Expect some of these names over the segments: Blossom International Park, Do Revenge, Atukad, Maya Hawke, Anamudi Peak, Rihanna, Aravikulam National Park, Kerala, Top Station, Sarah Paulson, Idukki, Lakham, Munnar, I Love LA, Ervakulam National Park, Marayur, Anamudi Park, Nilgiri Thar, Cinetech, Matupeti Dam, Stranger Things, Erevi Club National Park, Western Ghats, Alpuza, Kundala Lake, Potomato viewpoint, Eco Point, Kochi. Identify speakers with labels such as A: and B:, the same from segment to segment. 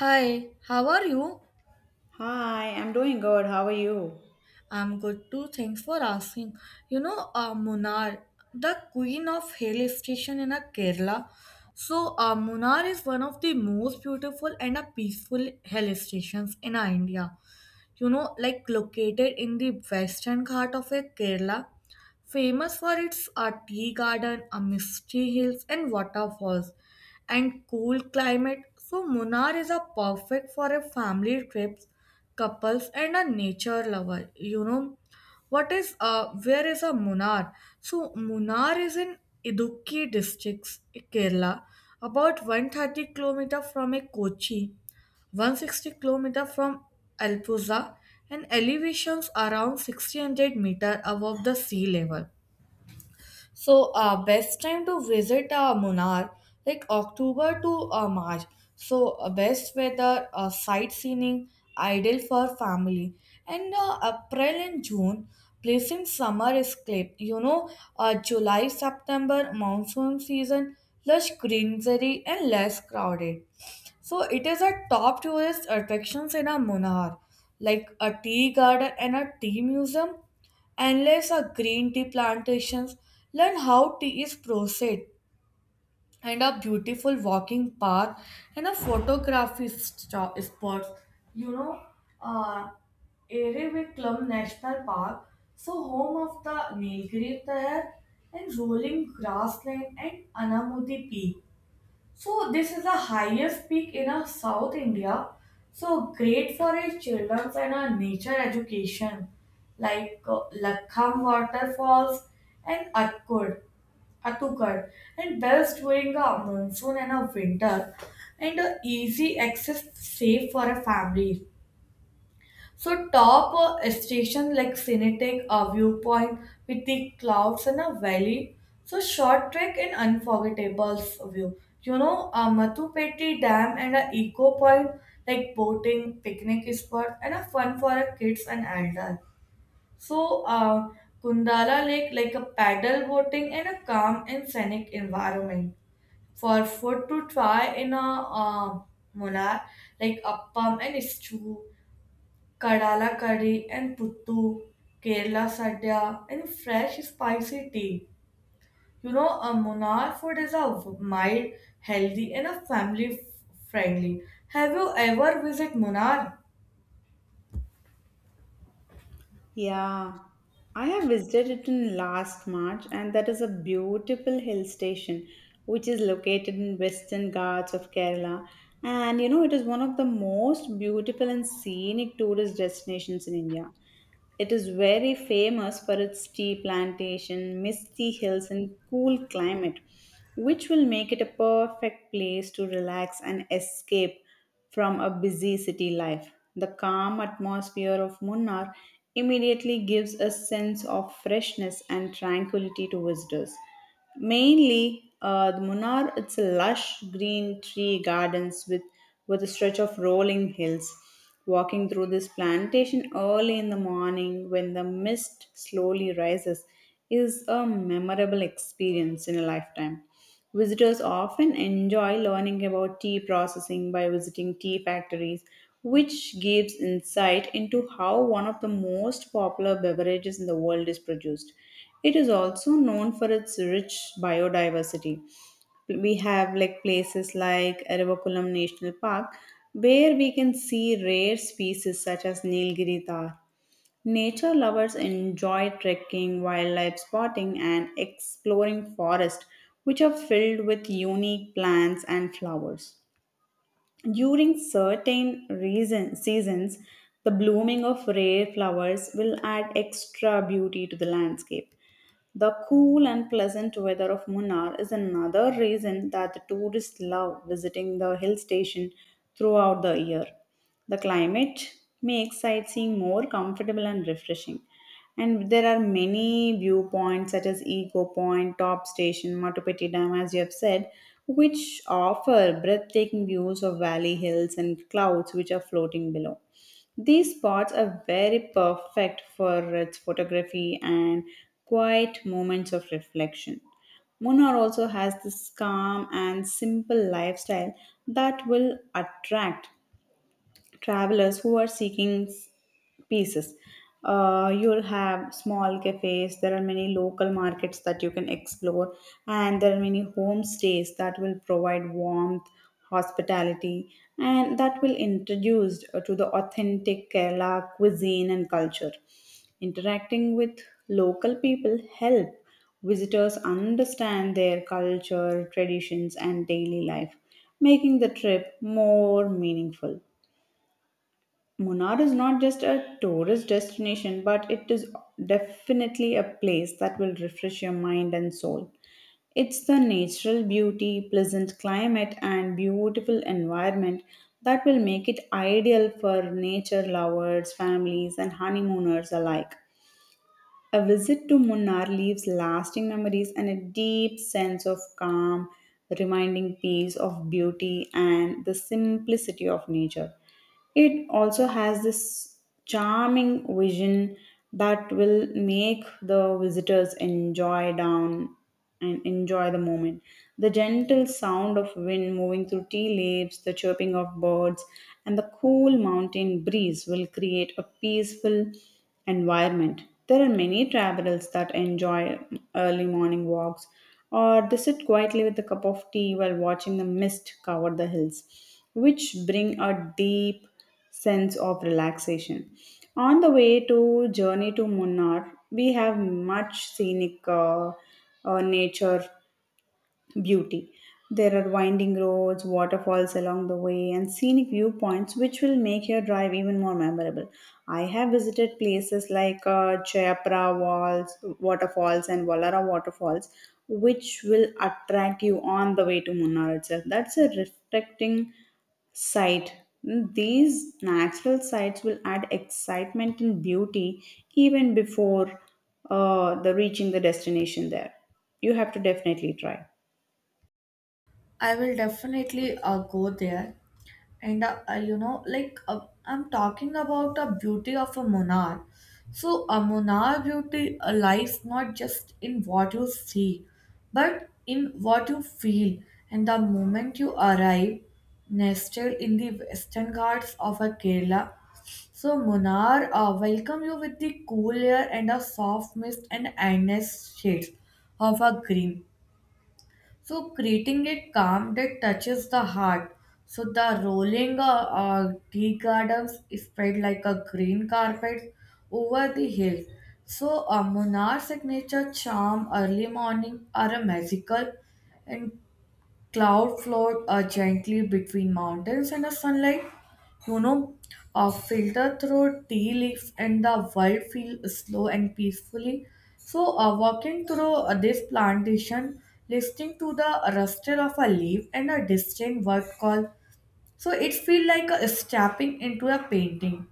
A: Hi, how are you?
B: Hi, I'm doing good. How are you?
A: I'm good too. Thanks for asking. Munnar, the queen of hill station in a Kerala. Munnar is one of the most beautiful and a peaceful hill stations in India. Like located in the western part of Kerala, famous for its tea garden, misty hills, and waterfalls, and cool climate. So, Munnar is a perfect for a family trips, couples, and a nature lover. What is where is a Munnar? So, Munnar is in Idukki districts, Kerala, about 130 kilometers from a Kochi, 160 kilometers from Alpuza, and elevations around 600 meters above the sea level. Best time to visit Munnar, like October to March. Best weather, sightseeing, ideal for family. And April and June, place in summer escape. July, September, monsoon season, lush greenery and less crowded. So, it is a top tourist attractions in a Munnar, like a tea garden and a tea museum endless are green tea plantations. Learn how tea is processed and a beautiful walking path and a photography spots. You know, uh, Erevi Club National Park, so home of the Nilgiri Tahar and rolling grassland and Anamudi Peak. So this is the highest peak in our South India. So great for our children's and our nature education, like Lakham waterfalls and Atukad, and best during a monsoon and a winter, and easy access safe for a family. So top station like Cinetech, a viewpoint with the clouds and a valley. So short trek and unforgettable view. A Matupeti Dam and a eco point like boating, picnic spot, and a fun for a kids and elder. So uh, Kundala Lake like a paddle boating and a calm and scenic environment for food to try in a Munar like appam and stew Kadala curry and puttu, Kerala sadhya, and fresh spicy tea. A Munnar food is a mild, healthy, and a family friendly. Have you ever visited Munnar?
B: Yeah, I have visited it in last March, and that is a beautiful hill station which is located in Western Ghats of Kerala. And you know, it is one of the most beautiful and scenic tourist destinations in India. It is very famous for its tea plantation, misty hills, and cool climate, which will make it a perfect place to relax and escape from a busy city life. The calm atmosphere of Munnar immediately gives a sense of freshness and tranquility to visitors. Mainly, the Munnar it's a lush green tree gardens with a stretch of rolling hills. Walking through this plantation early in the morning when the mist slowly rises is a memorable experience in a lifetime. Visitors often enjoy learning about tea processing by visiting tea factories, which gives insight into how one of the most popular beverages in the world is produced. It is also known for its rich biodiversity we have like places like Ervakulam National Park where we can see rare species such as Nilgiri tar. Nature lovers enjoy trekking, wildlife spotting and exploring forests which are filled with unique plants and flowers. During certain reason, seasons, the blooming of rare flowers will add extra beauty to the landscape. The cool and pleasant weather of Munnar is another reason that the tourists love visiting the hill station throughout the year. The climate makes sightseeing more comfortable and refreshing. And there are many viewpoints such as Eco Point, Top Station, Matupeti Dam, as you have said, which offer breathtaking views of valley hills and clouds which are floating below. These spots are very perfect for its photography and quiet moments of reflection. Munnar also has this calm and simple lifestyle that will attract travelers who are seeking pieces. You'll have small cafes, there are many local markets that you can explore, and there are many homestays that will provide warmth, hospitality, and that will introduce to the authentic Kerala cuisine and culture. Interacting with local people help visitors understand their culture, traditions, and daily life, making the trip more meaningful. Munnar is not just a tourist destination, but it is definitely a place that will refresh your mind and soul. It's the natural beauty, pleasant climate, and beautiful environment that will make it ideal for nature lovers, families, and honeymooners alike. A visit to Munnar leaves lasting memories and a deep sense of calm, reminding peace of beauty and the simplicity of nature. It also has this charming vision that will make the visitors enjoy down and enjoy the moment. The gentle sound of wind moving through tea leaves, the chirping of birds, and the cool mountain breeze will create a peaceful environment. There are many travelers that enjoy early morning walks or they sit quietly with a cup of tea while watching the mist cover the hills, which bring a deep sense of relaxation. On the way to journey to Munnar, we have much scenic nature beauty. There are winding roads, waterfalls along the way, and scenic viewpoints which will make your drive even more memorable. I have visited places like Jayapura Walls, waterfalls and Wallara waterfalls, which will attract you on the way to Munnar itself. That's a reflecting sight. These natural sights will add excitement and beauty even before the reaching the destination there. You have to definitely try.
A: I will definitely go there. And like I'm talking about the beauty of a monarch. So a monarch beauty lies not just in what you see, but in what you feel. And the moment you arrive, nested in the western ghats of a Kerala, so Munar welcome you with the cool air and a soft mist and endless shades of a green. So creating a calm that touches the heart. So the rolling tea gardens spread like a green carpet over the hills. So a monarch signature charm early morning are a magical and cloud float gently between mountains and the sunlight you know filter through tea leaves and the world feel slow and peacefully. So walking through this plantation listening to the rustle of a leaf and a distant bird call, so it feel like stepping into a painting.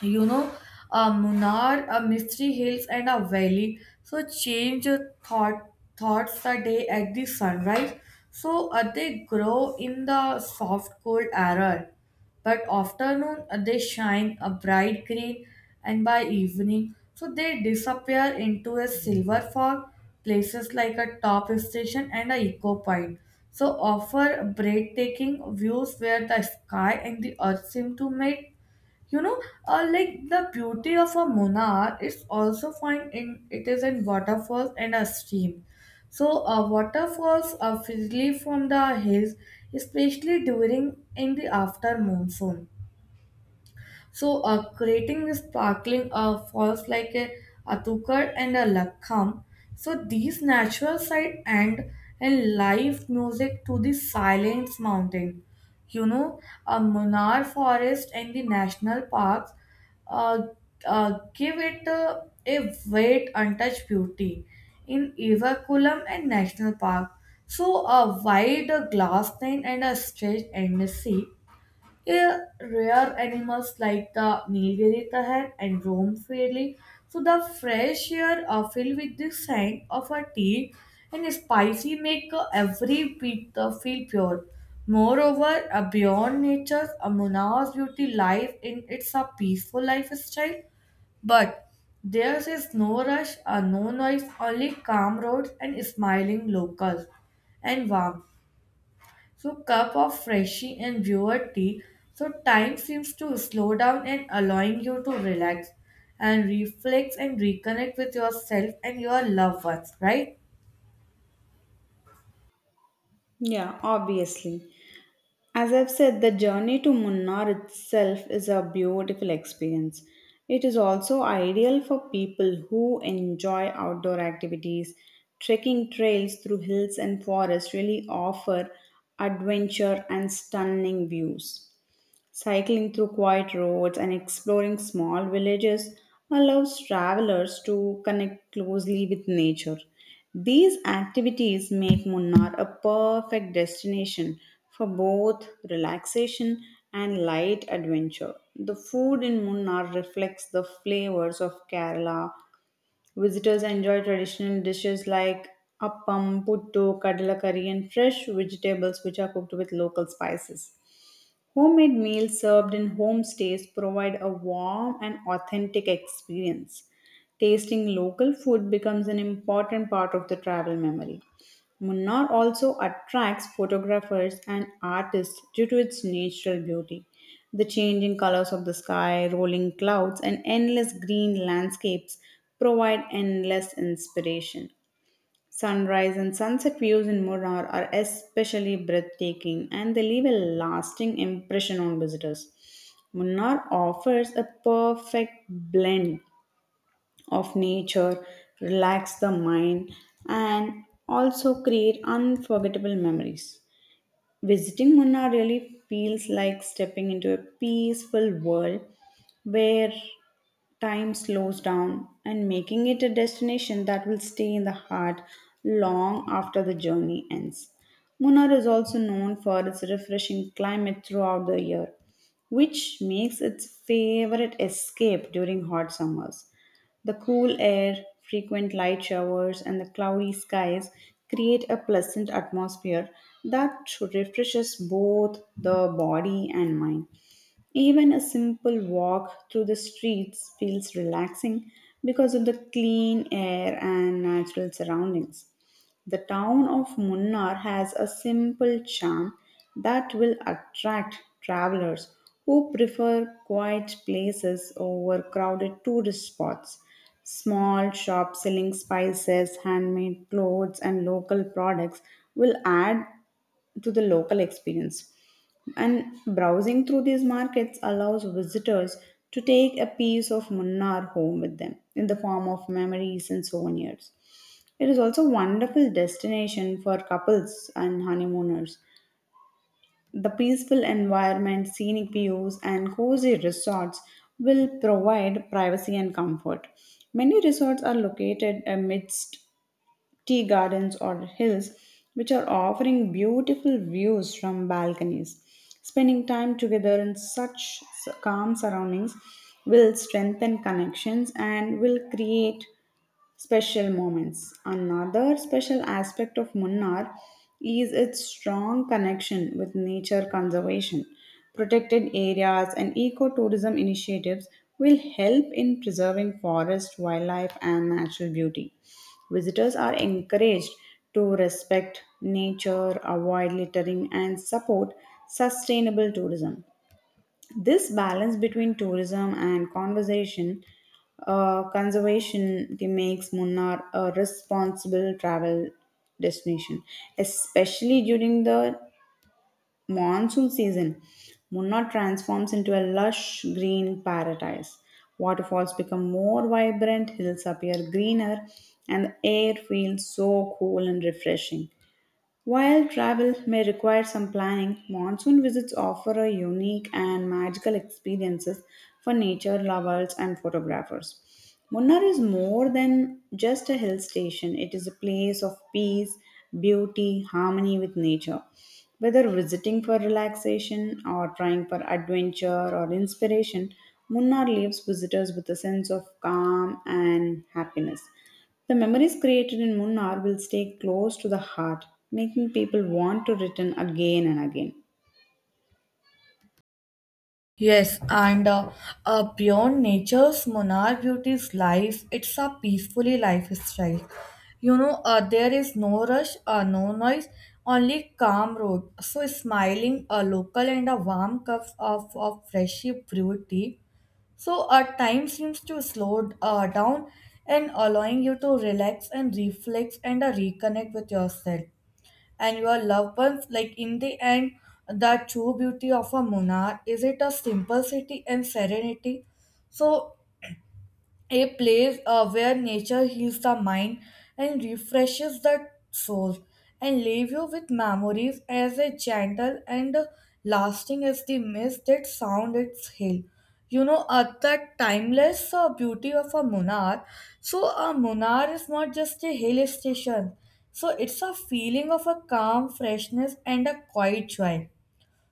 A: you know Munnar, a mystery hills and a valley. So change your thoughts a day at the sunrise. So they grow in the soft cold air, but afternoon they shine a bright green, and by evening, so they disappear into a silver fog. Places like a top station and a eco point. So offer breathtaking views where the sky and the earth seem to meet. you know like the beauty of a monar is also found in it is in waterfalls and a stream. So waterfalls are freely from the hills, especially during in the after monsoon. So, creating this sparkling falls like a atukar and a lakham. So, these natural side and live music to the silence mountain. You know, a Munnar forest and the national parks uh, give it a great untouched beauty in Evakulam and National Park. So a wide glass plain and a stretched endless sea, yeah, rare animals like the Nilgiri Tahan and roam freely. So the fresh air are filled with the scent of a tea and spicy make every bit feel pure. Moreover, a beyond nature's a Munna's beauty lies in its a peaceful lifestyle, but there is no rush, no noise, only calm roads and smiling locals and warmth. So cup of freshy and brewer tea. So time seems to slow down and allowing you to relax and reflect and reconnect with yourself and your loved ones, right?
B: Yeah, obviously. As I've said, the journey to Munnar itself is a beautiful experience. It is also ideal for people who enjoy outdoor activities. Trekking trails through hills and forests really offer adventure and stunning views. Cycling through quiet roads and exploring small villages allows travelers to connect closely with nature. These activities make Munnar a perfect destination for both relaxation and light adventure. The food in Munnar reflects the flavors of Kerala, visitors enjoy traditional dishes like appam, puttu, kadala curry, and fresh vegetables which are cooked with local spices. Homemade meals served in homestays provide a warm and authentic experience. Tasting local food becomes an important part of the travel memory. Munnar also attracts photographers and artists due to its natural beauty. The changing colors of the sky, rolling clouds, and endless green landscapes provide endless inspiration. Sunrise and sunset views in Munnar are especially breathtaking and they leave a lasting impression on visitors. Munnar offers a perfect blend of nature, relax the mind, and also create unforgettable memories. Visiting Munnar really feels like stepping into a peaceful world where time slows down and making it a destination that will stay in the heart long after the journey ends. Munnar is also known for its refreshing climate throughout the year, which makes its favorite escape during hot summers. The cool air, frequent light showers, and the cloudy skies create a pleasant atmosphere that refreshes both the body and mind. Even a simple walk through the streets feels relaxing because of the clean air and natural surroundings. The town of Munnar has a simple charm that will attract travelers who prefer quiet places over crowded tourist spots. Small shops selling spices, handmade clothes, and local products will add to the local experience. And browsing through these markets allows visitors to take a piece of Munnar home with them in the form of memories and souvenirs. It is also a wonderful destination for couples and honeymooners. The peaceful environment, scenic views, and cozy resorts will provide privacy and comfort. Many resorts are located amidst tea gardens, or hills, which are offering beautiful views from balconies. Spending time together in such calm surroundings will strengthen connections and will create special moments. Another special aspect of Munnar is its strong connection with nature conservation. Protected areas and ecotourism initiatives will help in preserving forest, wildlife, and natural beauty. Visitors are encouraged to respect nature, avoid littering, and support sustainable tourism. This balance between tourism and conservation it makes Munnar a responsible travel destination, especially during the monsoon season. Munnar transforms into a lush green paradise. Waterfalls become more vibrant, hills appear greener, and the air feels so cool and refreshing. While travel may require some planning, monsoon visits offer a unique and magical experiences for nature lovers and photographers. Munnar is more than just a hill station, it is a place of peace, beauty, harmony with nature. Whether visiting for relaxation or trying for adventure or inspiration, Munnar leaves visitors with a sense of calm and happiness. The memories created in Munnar will stay close to the heart, making people want to return again and again.
A: Yes, and beyond nature's monarch beauty's life, it's a peacefully lifestyle. There is no rush, no noise, only calm road. So smiling, a local and a warm cup of freshly brewed tea. So, our time seems to slow down and allowing you to relax and reflect and reconnect with yourself and your loved ones. Like, in the end, the true beauty of a monarch is it a simplicity and serenity. So, a place where nature heals the mind and refreshes the soul and leave you with memories as a gentle and lasting as the mist that sound its hill. At the timeless beauty of a munar. So a munar is not just a hill station, so it's a feeling of a calm freshness and a quiet joy.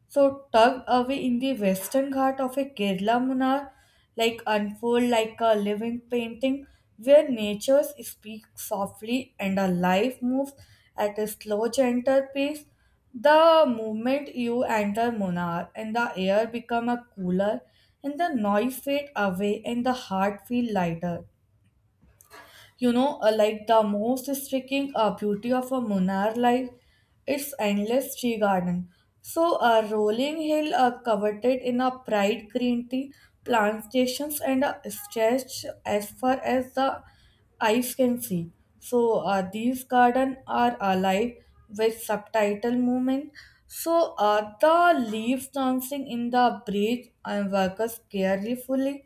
A: So tugged away in the western ghat of a Kerala Munar, like unfold like a living painting where nature speaks softly and a life moves at a slow, gentle pace. The moment you enter Munar and the air become a cooler and the noise fade away and the heart feel lighter. Like the most striking beauty of a monarch life its endless tea garden. So a rolling hill coveted in a bright green tea plantations and a stretch as far as the eyes can see. So these garden are alive with subtitle movement. So the leaves dancing in the breeze and workers carefully,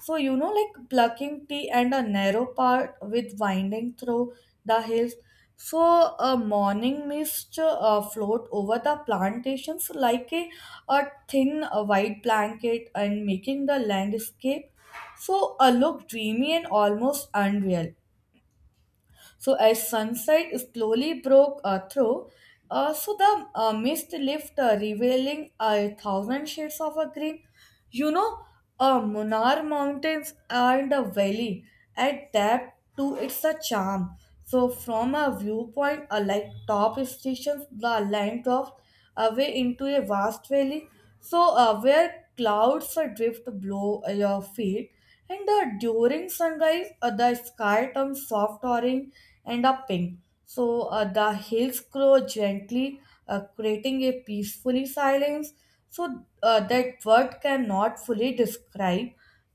A: so, like plucking tea and a narrow path with winding through the hills. So, a morning mist float over the plantations like a thin white blanket and making the landscape so look dreamy and almost unreal. So as sunlight slowly broke through, so the mist lifted, revealing a thousand shades of a green. You know, Munar Mountains and a valley at that too it's a charm. So from a viewpoint, like top stations, the land drops away into a vast valley. So where clouds drift below your feet, and during sunrise, the sky turns soft orange and a pink. So the hills grow gently, creating a peacefully silence. So that word cannot fully describe.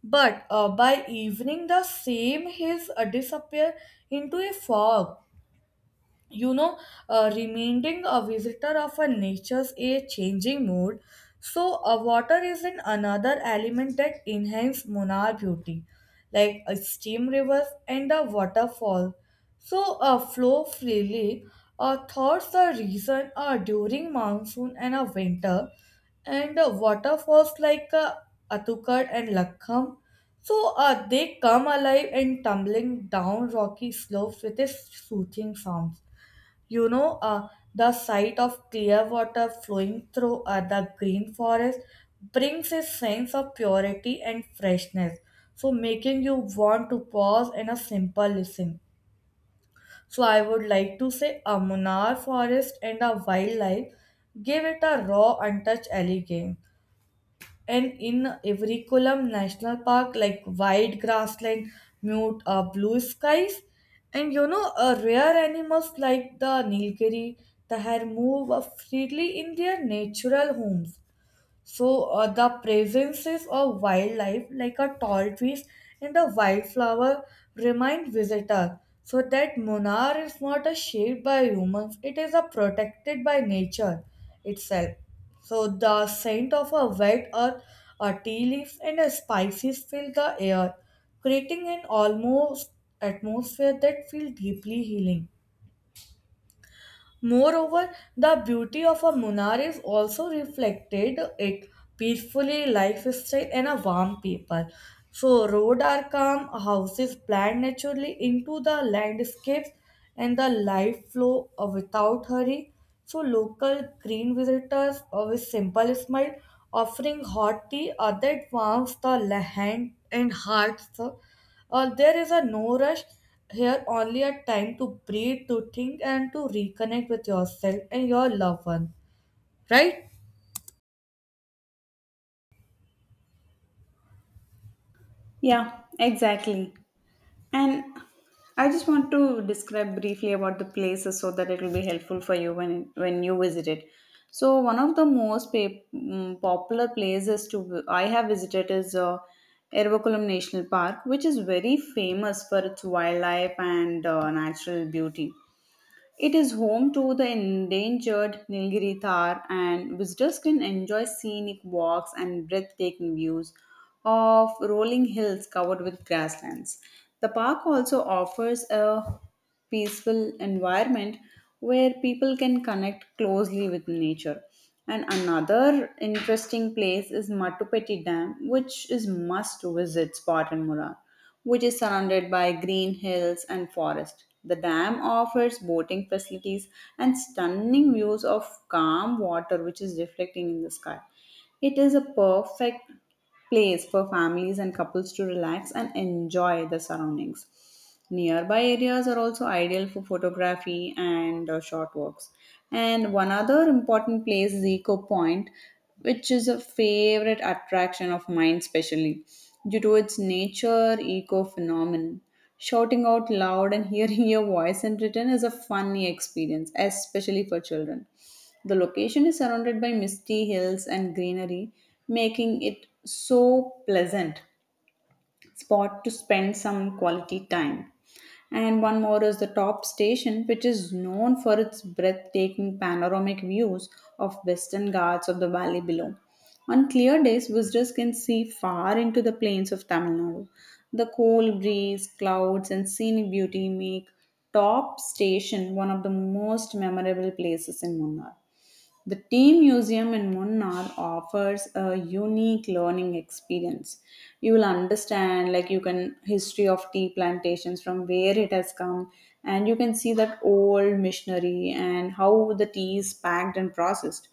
A: But by evening, the same hills disappear into a fog. you know reminding a visitor of a nature's a changing mood. So a water is an another element that enhance monar beauty, like a steam rivers and a waterfall. So flow freely thoughts the reason during monsoon and a winter, and waterfalls like Atukad and Lakham. So they come alive and tumbling down rocky slopes with a soothing sound. You know, uh, the sight of clear water flowing through the green forest brings a sense of purity and freshness, so making you want to pause and a simple listen. So I would like to say a Munnar forest and a wildlife give it a raw, untouched elegance. And in every column, national park, like wide grassland, mute blue skies. And rare animals like the Nilgiri, the hare move freely in their natural homes. So the presences of wildlife like a tall trees and the wildflower remind visitor so that Munnar is not a shaped by humans, it is a protected by nature itself. So the scent of a wet earth, a tea leaves and a spices fill the air, creating an almost atmosphere that feels deeply healing. Moreover, the beauty of a Munar is also reflected it peacefully lifestyle and a warm people. So road are calm, houses planned naturally into the landscapes and the life flow without hurry. So local green visitors with simple smile offering hot tea that warms the hand and hearts. There is a no rush here, only a time to breathe, to think, and to reconnect with yourself and your loved one. Right?
B: Yeah, exactly. And I just want to describe briefly about the places so that it will be helpful for you when you visit it. So one of the most popular places to I have visited is Ervakulam National Park, which is very famous for its wildlife and natural beauty. It is home to the endangered Nilgiri Thar, and visitors can enjoy scenic walks and breathtaking views of rolling hills covered with grasslands. The park also offers a peaceful environment where people can connect closely with nature. And another interesting place is Matupeti Dam, which is must visit spot in Murar, which is surrounded by green hills and forest. The dam offers boating facilities and stunning views of calm water which is reflecting in the sky. It is a perfect place for families and couples to relax and enjoy the surroundings. Nearby areas are also ideal for photography and short walks. And one other important place is Eco Point, which is a favorite attraction of mine, especially due to its nature eco phenomenon. Shouting out loud and hearing your voice in written is a funny experience, especially for children. The location is surrounded by misty hills and greenery, making it so pleasant spot to spend some quality time. And one more is the top station, which is known for its breathtaking panoramic views of western ghats of the valley below. On clear days, visitors can see far into the plains of Tamil Nadu. The cool breeze, clouds, and scenic beauty make Top Station one of the most memorable places in Munnar. The Tea Museum in Munnar offers a unique learning experience. You will understand, like you can history of tea plantations from where it has come, and you can see that old missionary and how the tea is packed and processed.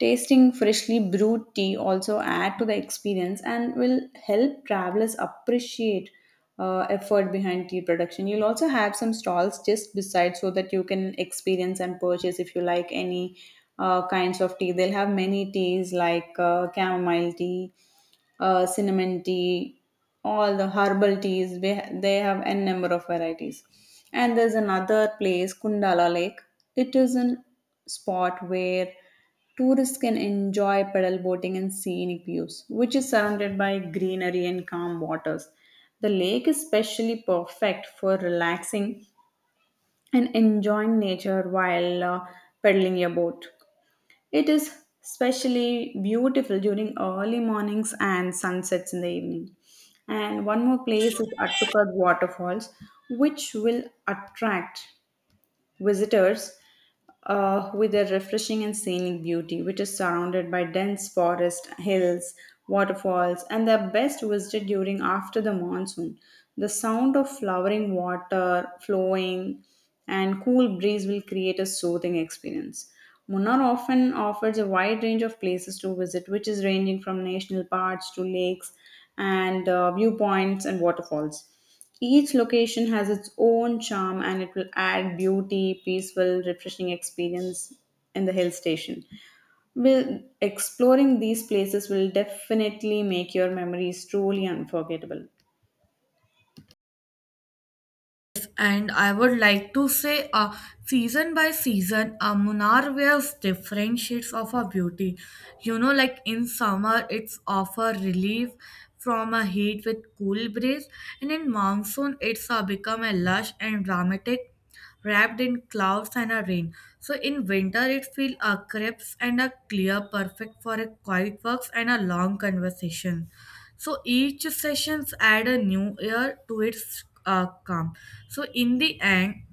B: Tasting freshly brewed tea also add to the experience and will help travelers appreciate effort behind tea production. You'll also have some stalls just beside so that you can experience and purchase if you like any kinds of tea. They'll have many teas like chamomile tea, cinnamon tea, all the herbal teas. They have n number of varieties. And there's another place, Kundala Lake. It is a spot where tourists can enjoy paddle boating and scenic views, which is surrounded by greenery and calm waters. The lake is specially perfect for relaxing and enjoying nature while paddling your boat. It is especially beautiful during early mornings and sunsets in the evening. And one more place is Attukad Waterfalls, which will attract visitors with their refreshing and scenic beauty, which is surrounded by dense forest, hills, waterfalls, and the best visited during after the monsoon. The sound of flowering water flowing and cool breeze will create a soothing experience. Munnar often offers a wide range of places to visit, which is ranging from national parks to lakes and viewpoints and waterfalls. Each location has its own charm and it will add beauty, peaceful, refreshing experience in the hill station. Will exploring these places will definitely make your memories truly unforgettable.
A: And I would like to say, season by season, Munnar wears different shades of her beauty. Like in summer, it's offer relief from a heat with cool breeze, and in monsoon, it's become a lush and dramatic, wrapped in clouds and a rain. So in winter, it feels a crisp and a clear, perfect for a quiet walks and a long conversation. So each sessions add a new air to its calm. So in the end,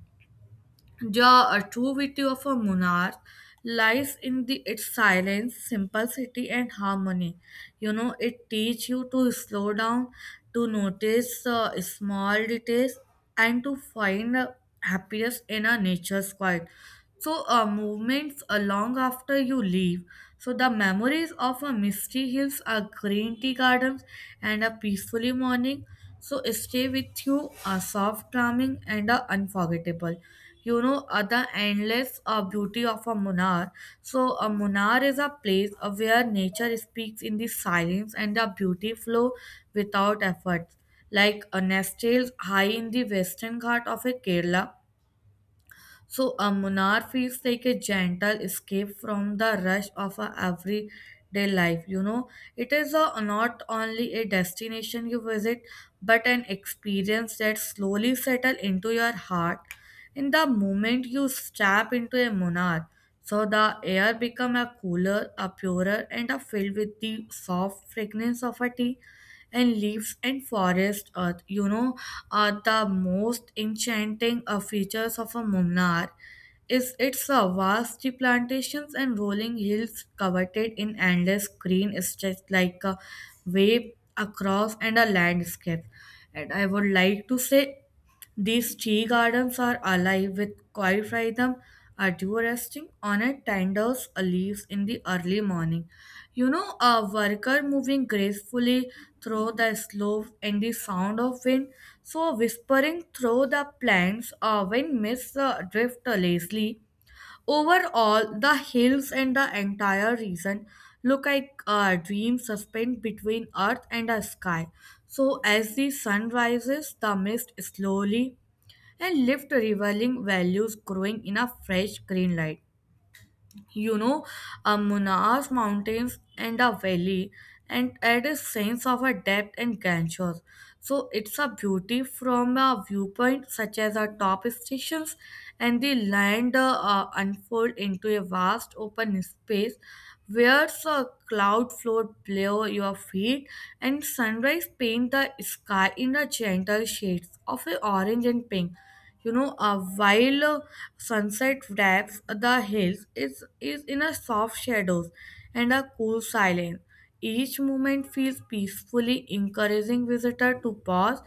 A: the true beauty of a monarch lies in the its silence, simplicity, and harmony. You know, it teaches you to slow down, to notice small details, and to find happiness in a nature's quiet. So, movements long after you leave. So, the memories of a misty hills, a green tea gardens, and a peacefully morning so stay with you a soft charming and a unforgettable the endless beauty of a munar. So a munar is a place where nature speaks in the silence and the beauty flow without effort, like a nestled high in the western ghat of a kerala. So a Munar feels like a gentle escape from the rush of a everyday life. You know, it is a, not only a destination you visit, but an experience that slowly settles into your heart. In the moment you step into a Munar, so the air become a cooler, a purer, and a filled with the soft fragrance of a tea and leaves and forest earth, you know, are the most enchanting features of a Munnar is its vast tea plantations and rolling hills coveted in endless green stretched like a wave across and a landscape. And I would like to say these tea gardens are alive with quiet rhythm, a dew resting on a tendrils a leaves in the early morning. You know, a worker moving gracefully through the slopes and the sound of wind, so whispering through the plants, a wind mists the drift lazily. Overall, the hills and the entire region look like a dream suspended between earth and the sky. So, as the sun rises, the mist slowly and lift revealing values growing in a fresh green light. You know, a Munaas mountains and a valley, and add a sense of a depth and grandeur. So it's a beauty from a viewpoint such as our top stations, and the land unfold into a vast open space where a cloud float below your feet and sunrise paint the sky in the gentle shades of a orange and pink. While sunset wraps the hills, it is in a soft shadows and a cool silence. Each moment feels peacefully encouraging visitor to pause,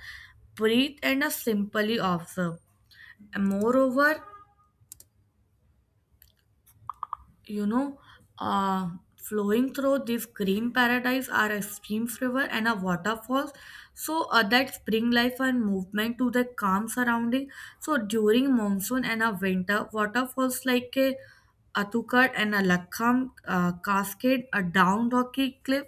A: breathe, and simply observe. And moreover, you know, uh, flowing through this green paradise are a streams, river, and a waterfalls. So that spring life and movement to the calm surrounding. So during monsoon and a winter, waterfalls like a Atukar and a Lakham cascade, a down rocky cliff.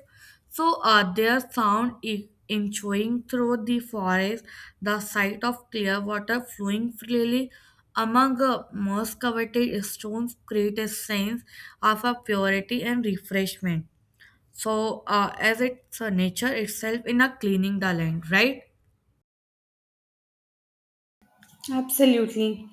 A: So their sound echoing through the forest, the sight of clear water flowing freely among moss coveted stones create a sense of a purity and refreshment. So as it's nature itself in a cleaning the land, right?
B: Absolutely.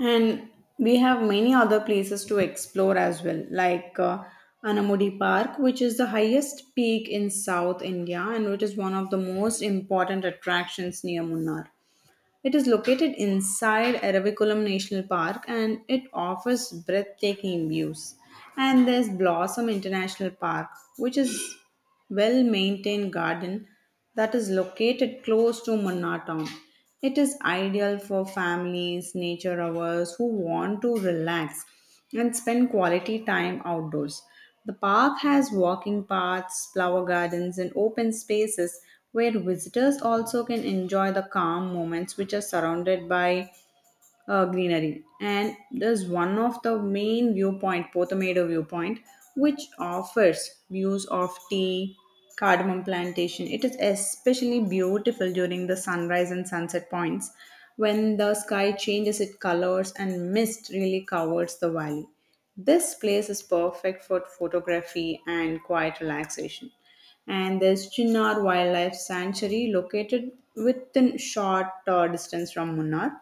B: And we have many other places to explore as well, like Anamudi Park, which is the highest peak in South India and which is one of the most important attractions near Munnar. It is located inside Aravikulam National Park and it offers breathtaking views. And there's Blossom International Park, which is well maintained garden that is located close to Munna town. It is ideal for families, nature lovers who want to relax and spend quality time outdoors. The park has walking paths, flower gardens, and open spaces where visitors also can enjoy the calm moments which are surrounded by greenery. And there's one of the main viewpoint, Potomato viewpoint, which offers views of tea, cardamom plantation. It is especially beautiful during the sunrise and sunset points when the sky changes its colors and mist really covers the valley. This place is perfect for photography and quiet relaxation. And there's Chinnar Wildlife Sanctuary located within short distance from Munnar.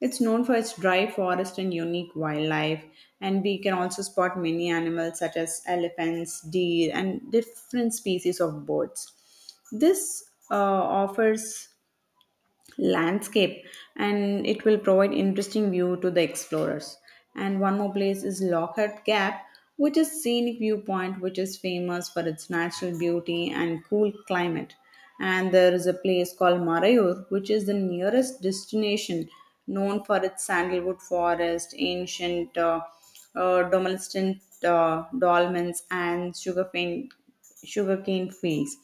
B: It's known for its dry forest and unique wildlife, and we can also spot many animals such as elephants, deer, and different species of birds. This offers landscape and it will provide interesting view to the explorers and one more place is Lockhart Gap, which is scenic viewpoint which is famous for its natural beauty and cool climate, and there is a place called Marayur, which is the nearest destination known for its sandalwood forest ancient domestic dolmens and sugarcane fields.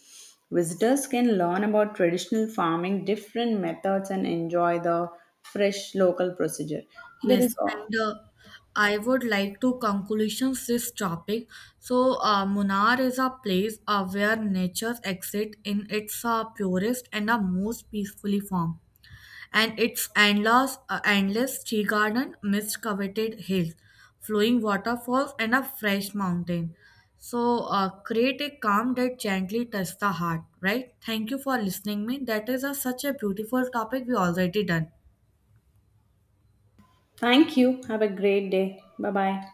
B: Visitors can learn about traditional farming, different methods, and enjoy the fresh local procedure. There
A: Yes,
B: is all.
A: and I would like to conclusions this topic. So, Munnar is a place where nature exists in its purest and most peacefully form, and its endless, endless tea garden, mist coveted hills, flowing waterfalls, and a fresh mountain. So, create a calm that gently touches the heart. Right? Thank you for listening me. That is a, such a beautiful topic we already done.
B: Thank you. Have a great day. Bye bye.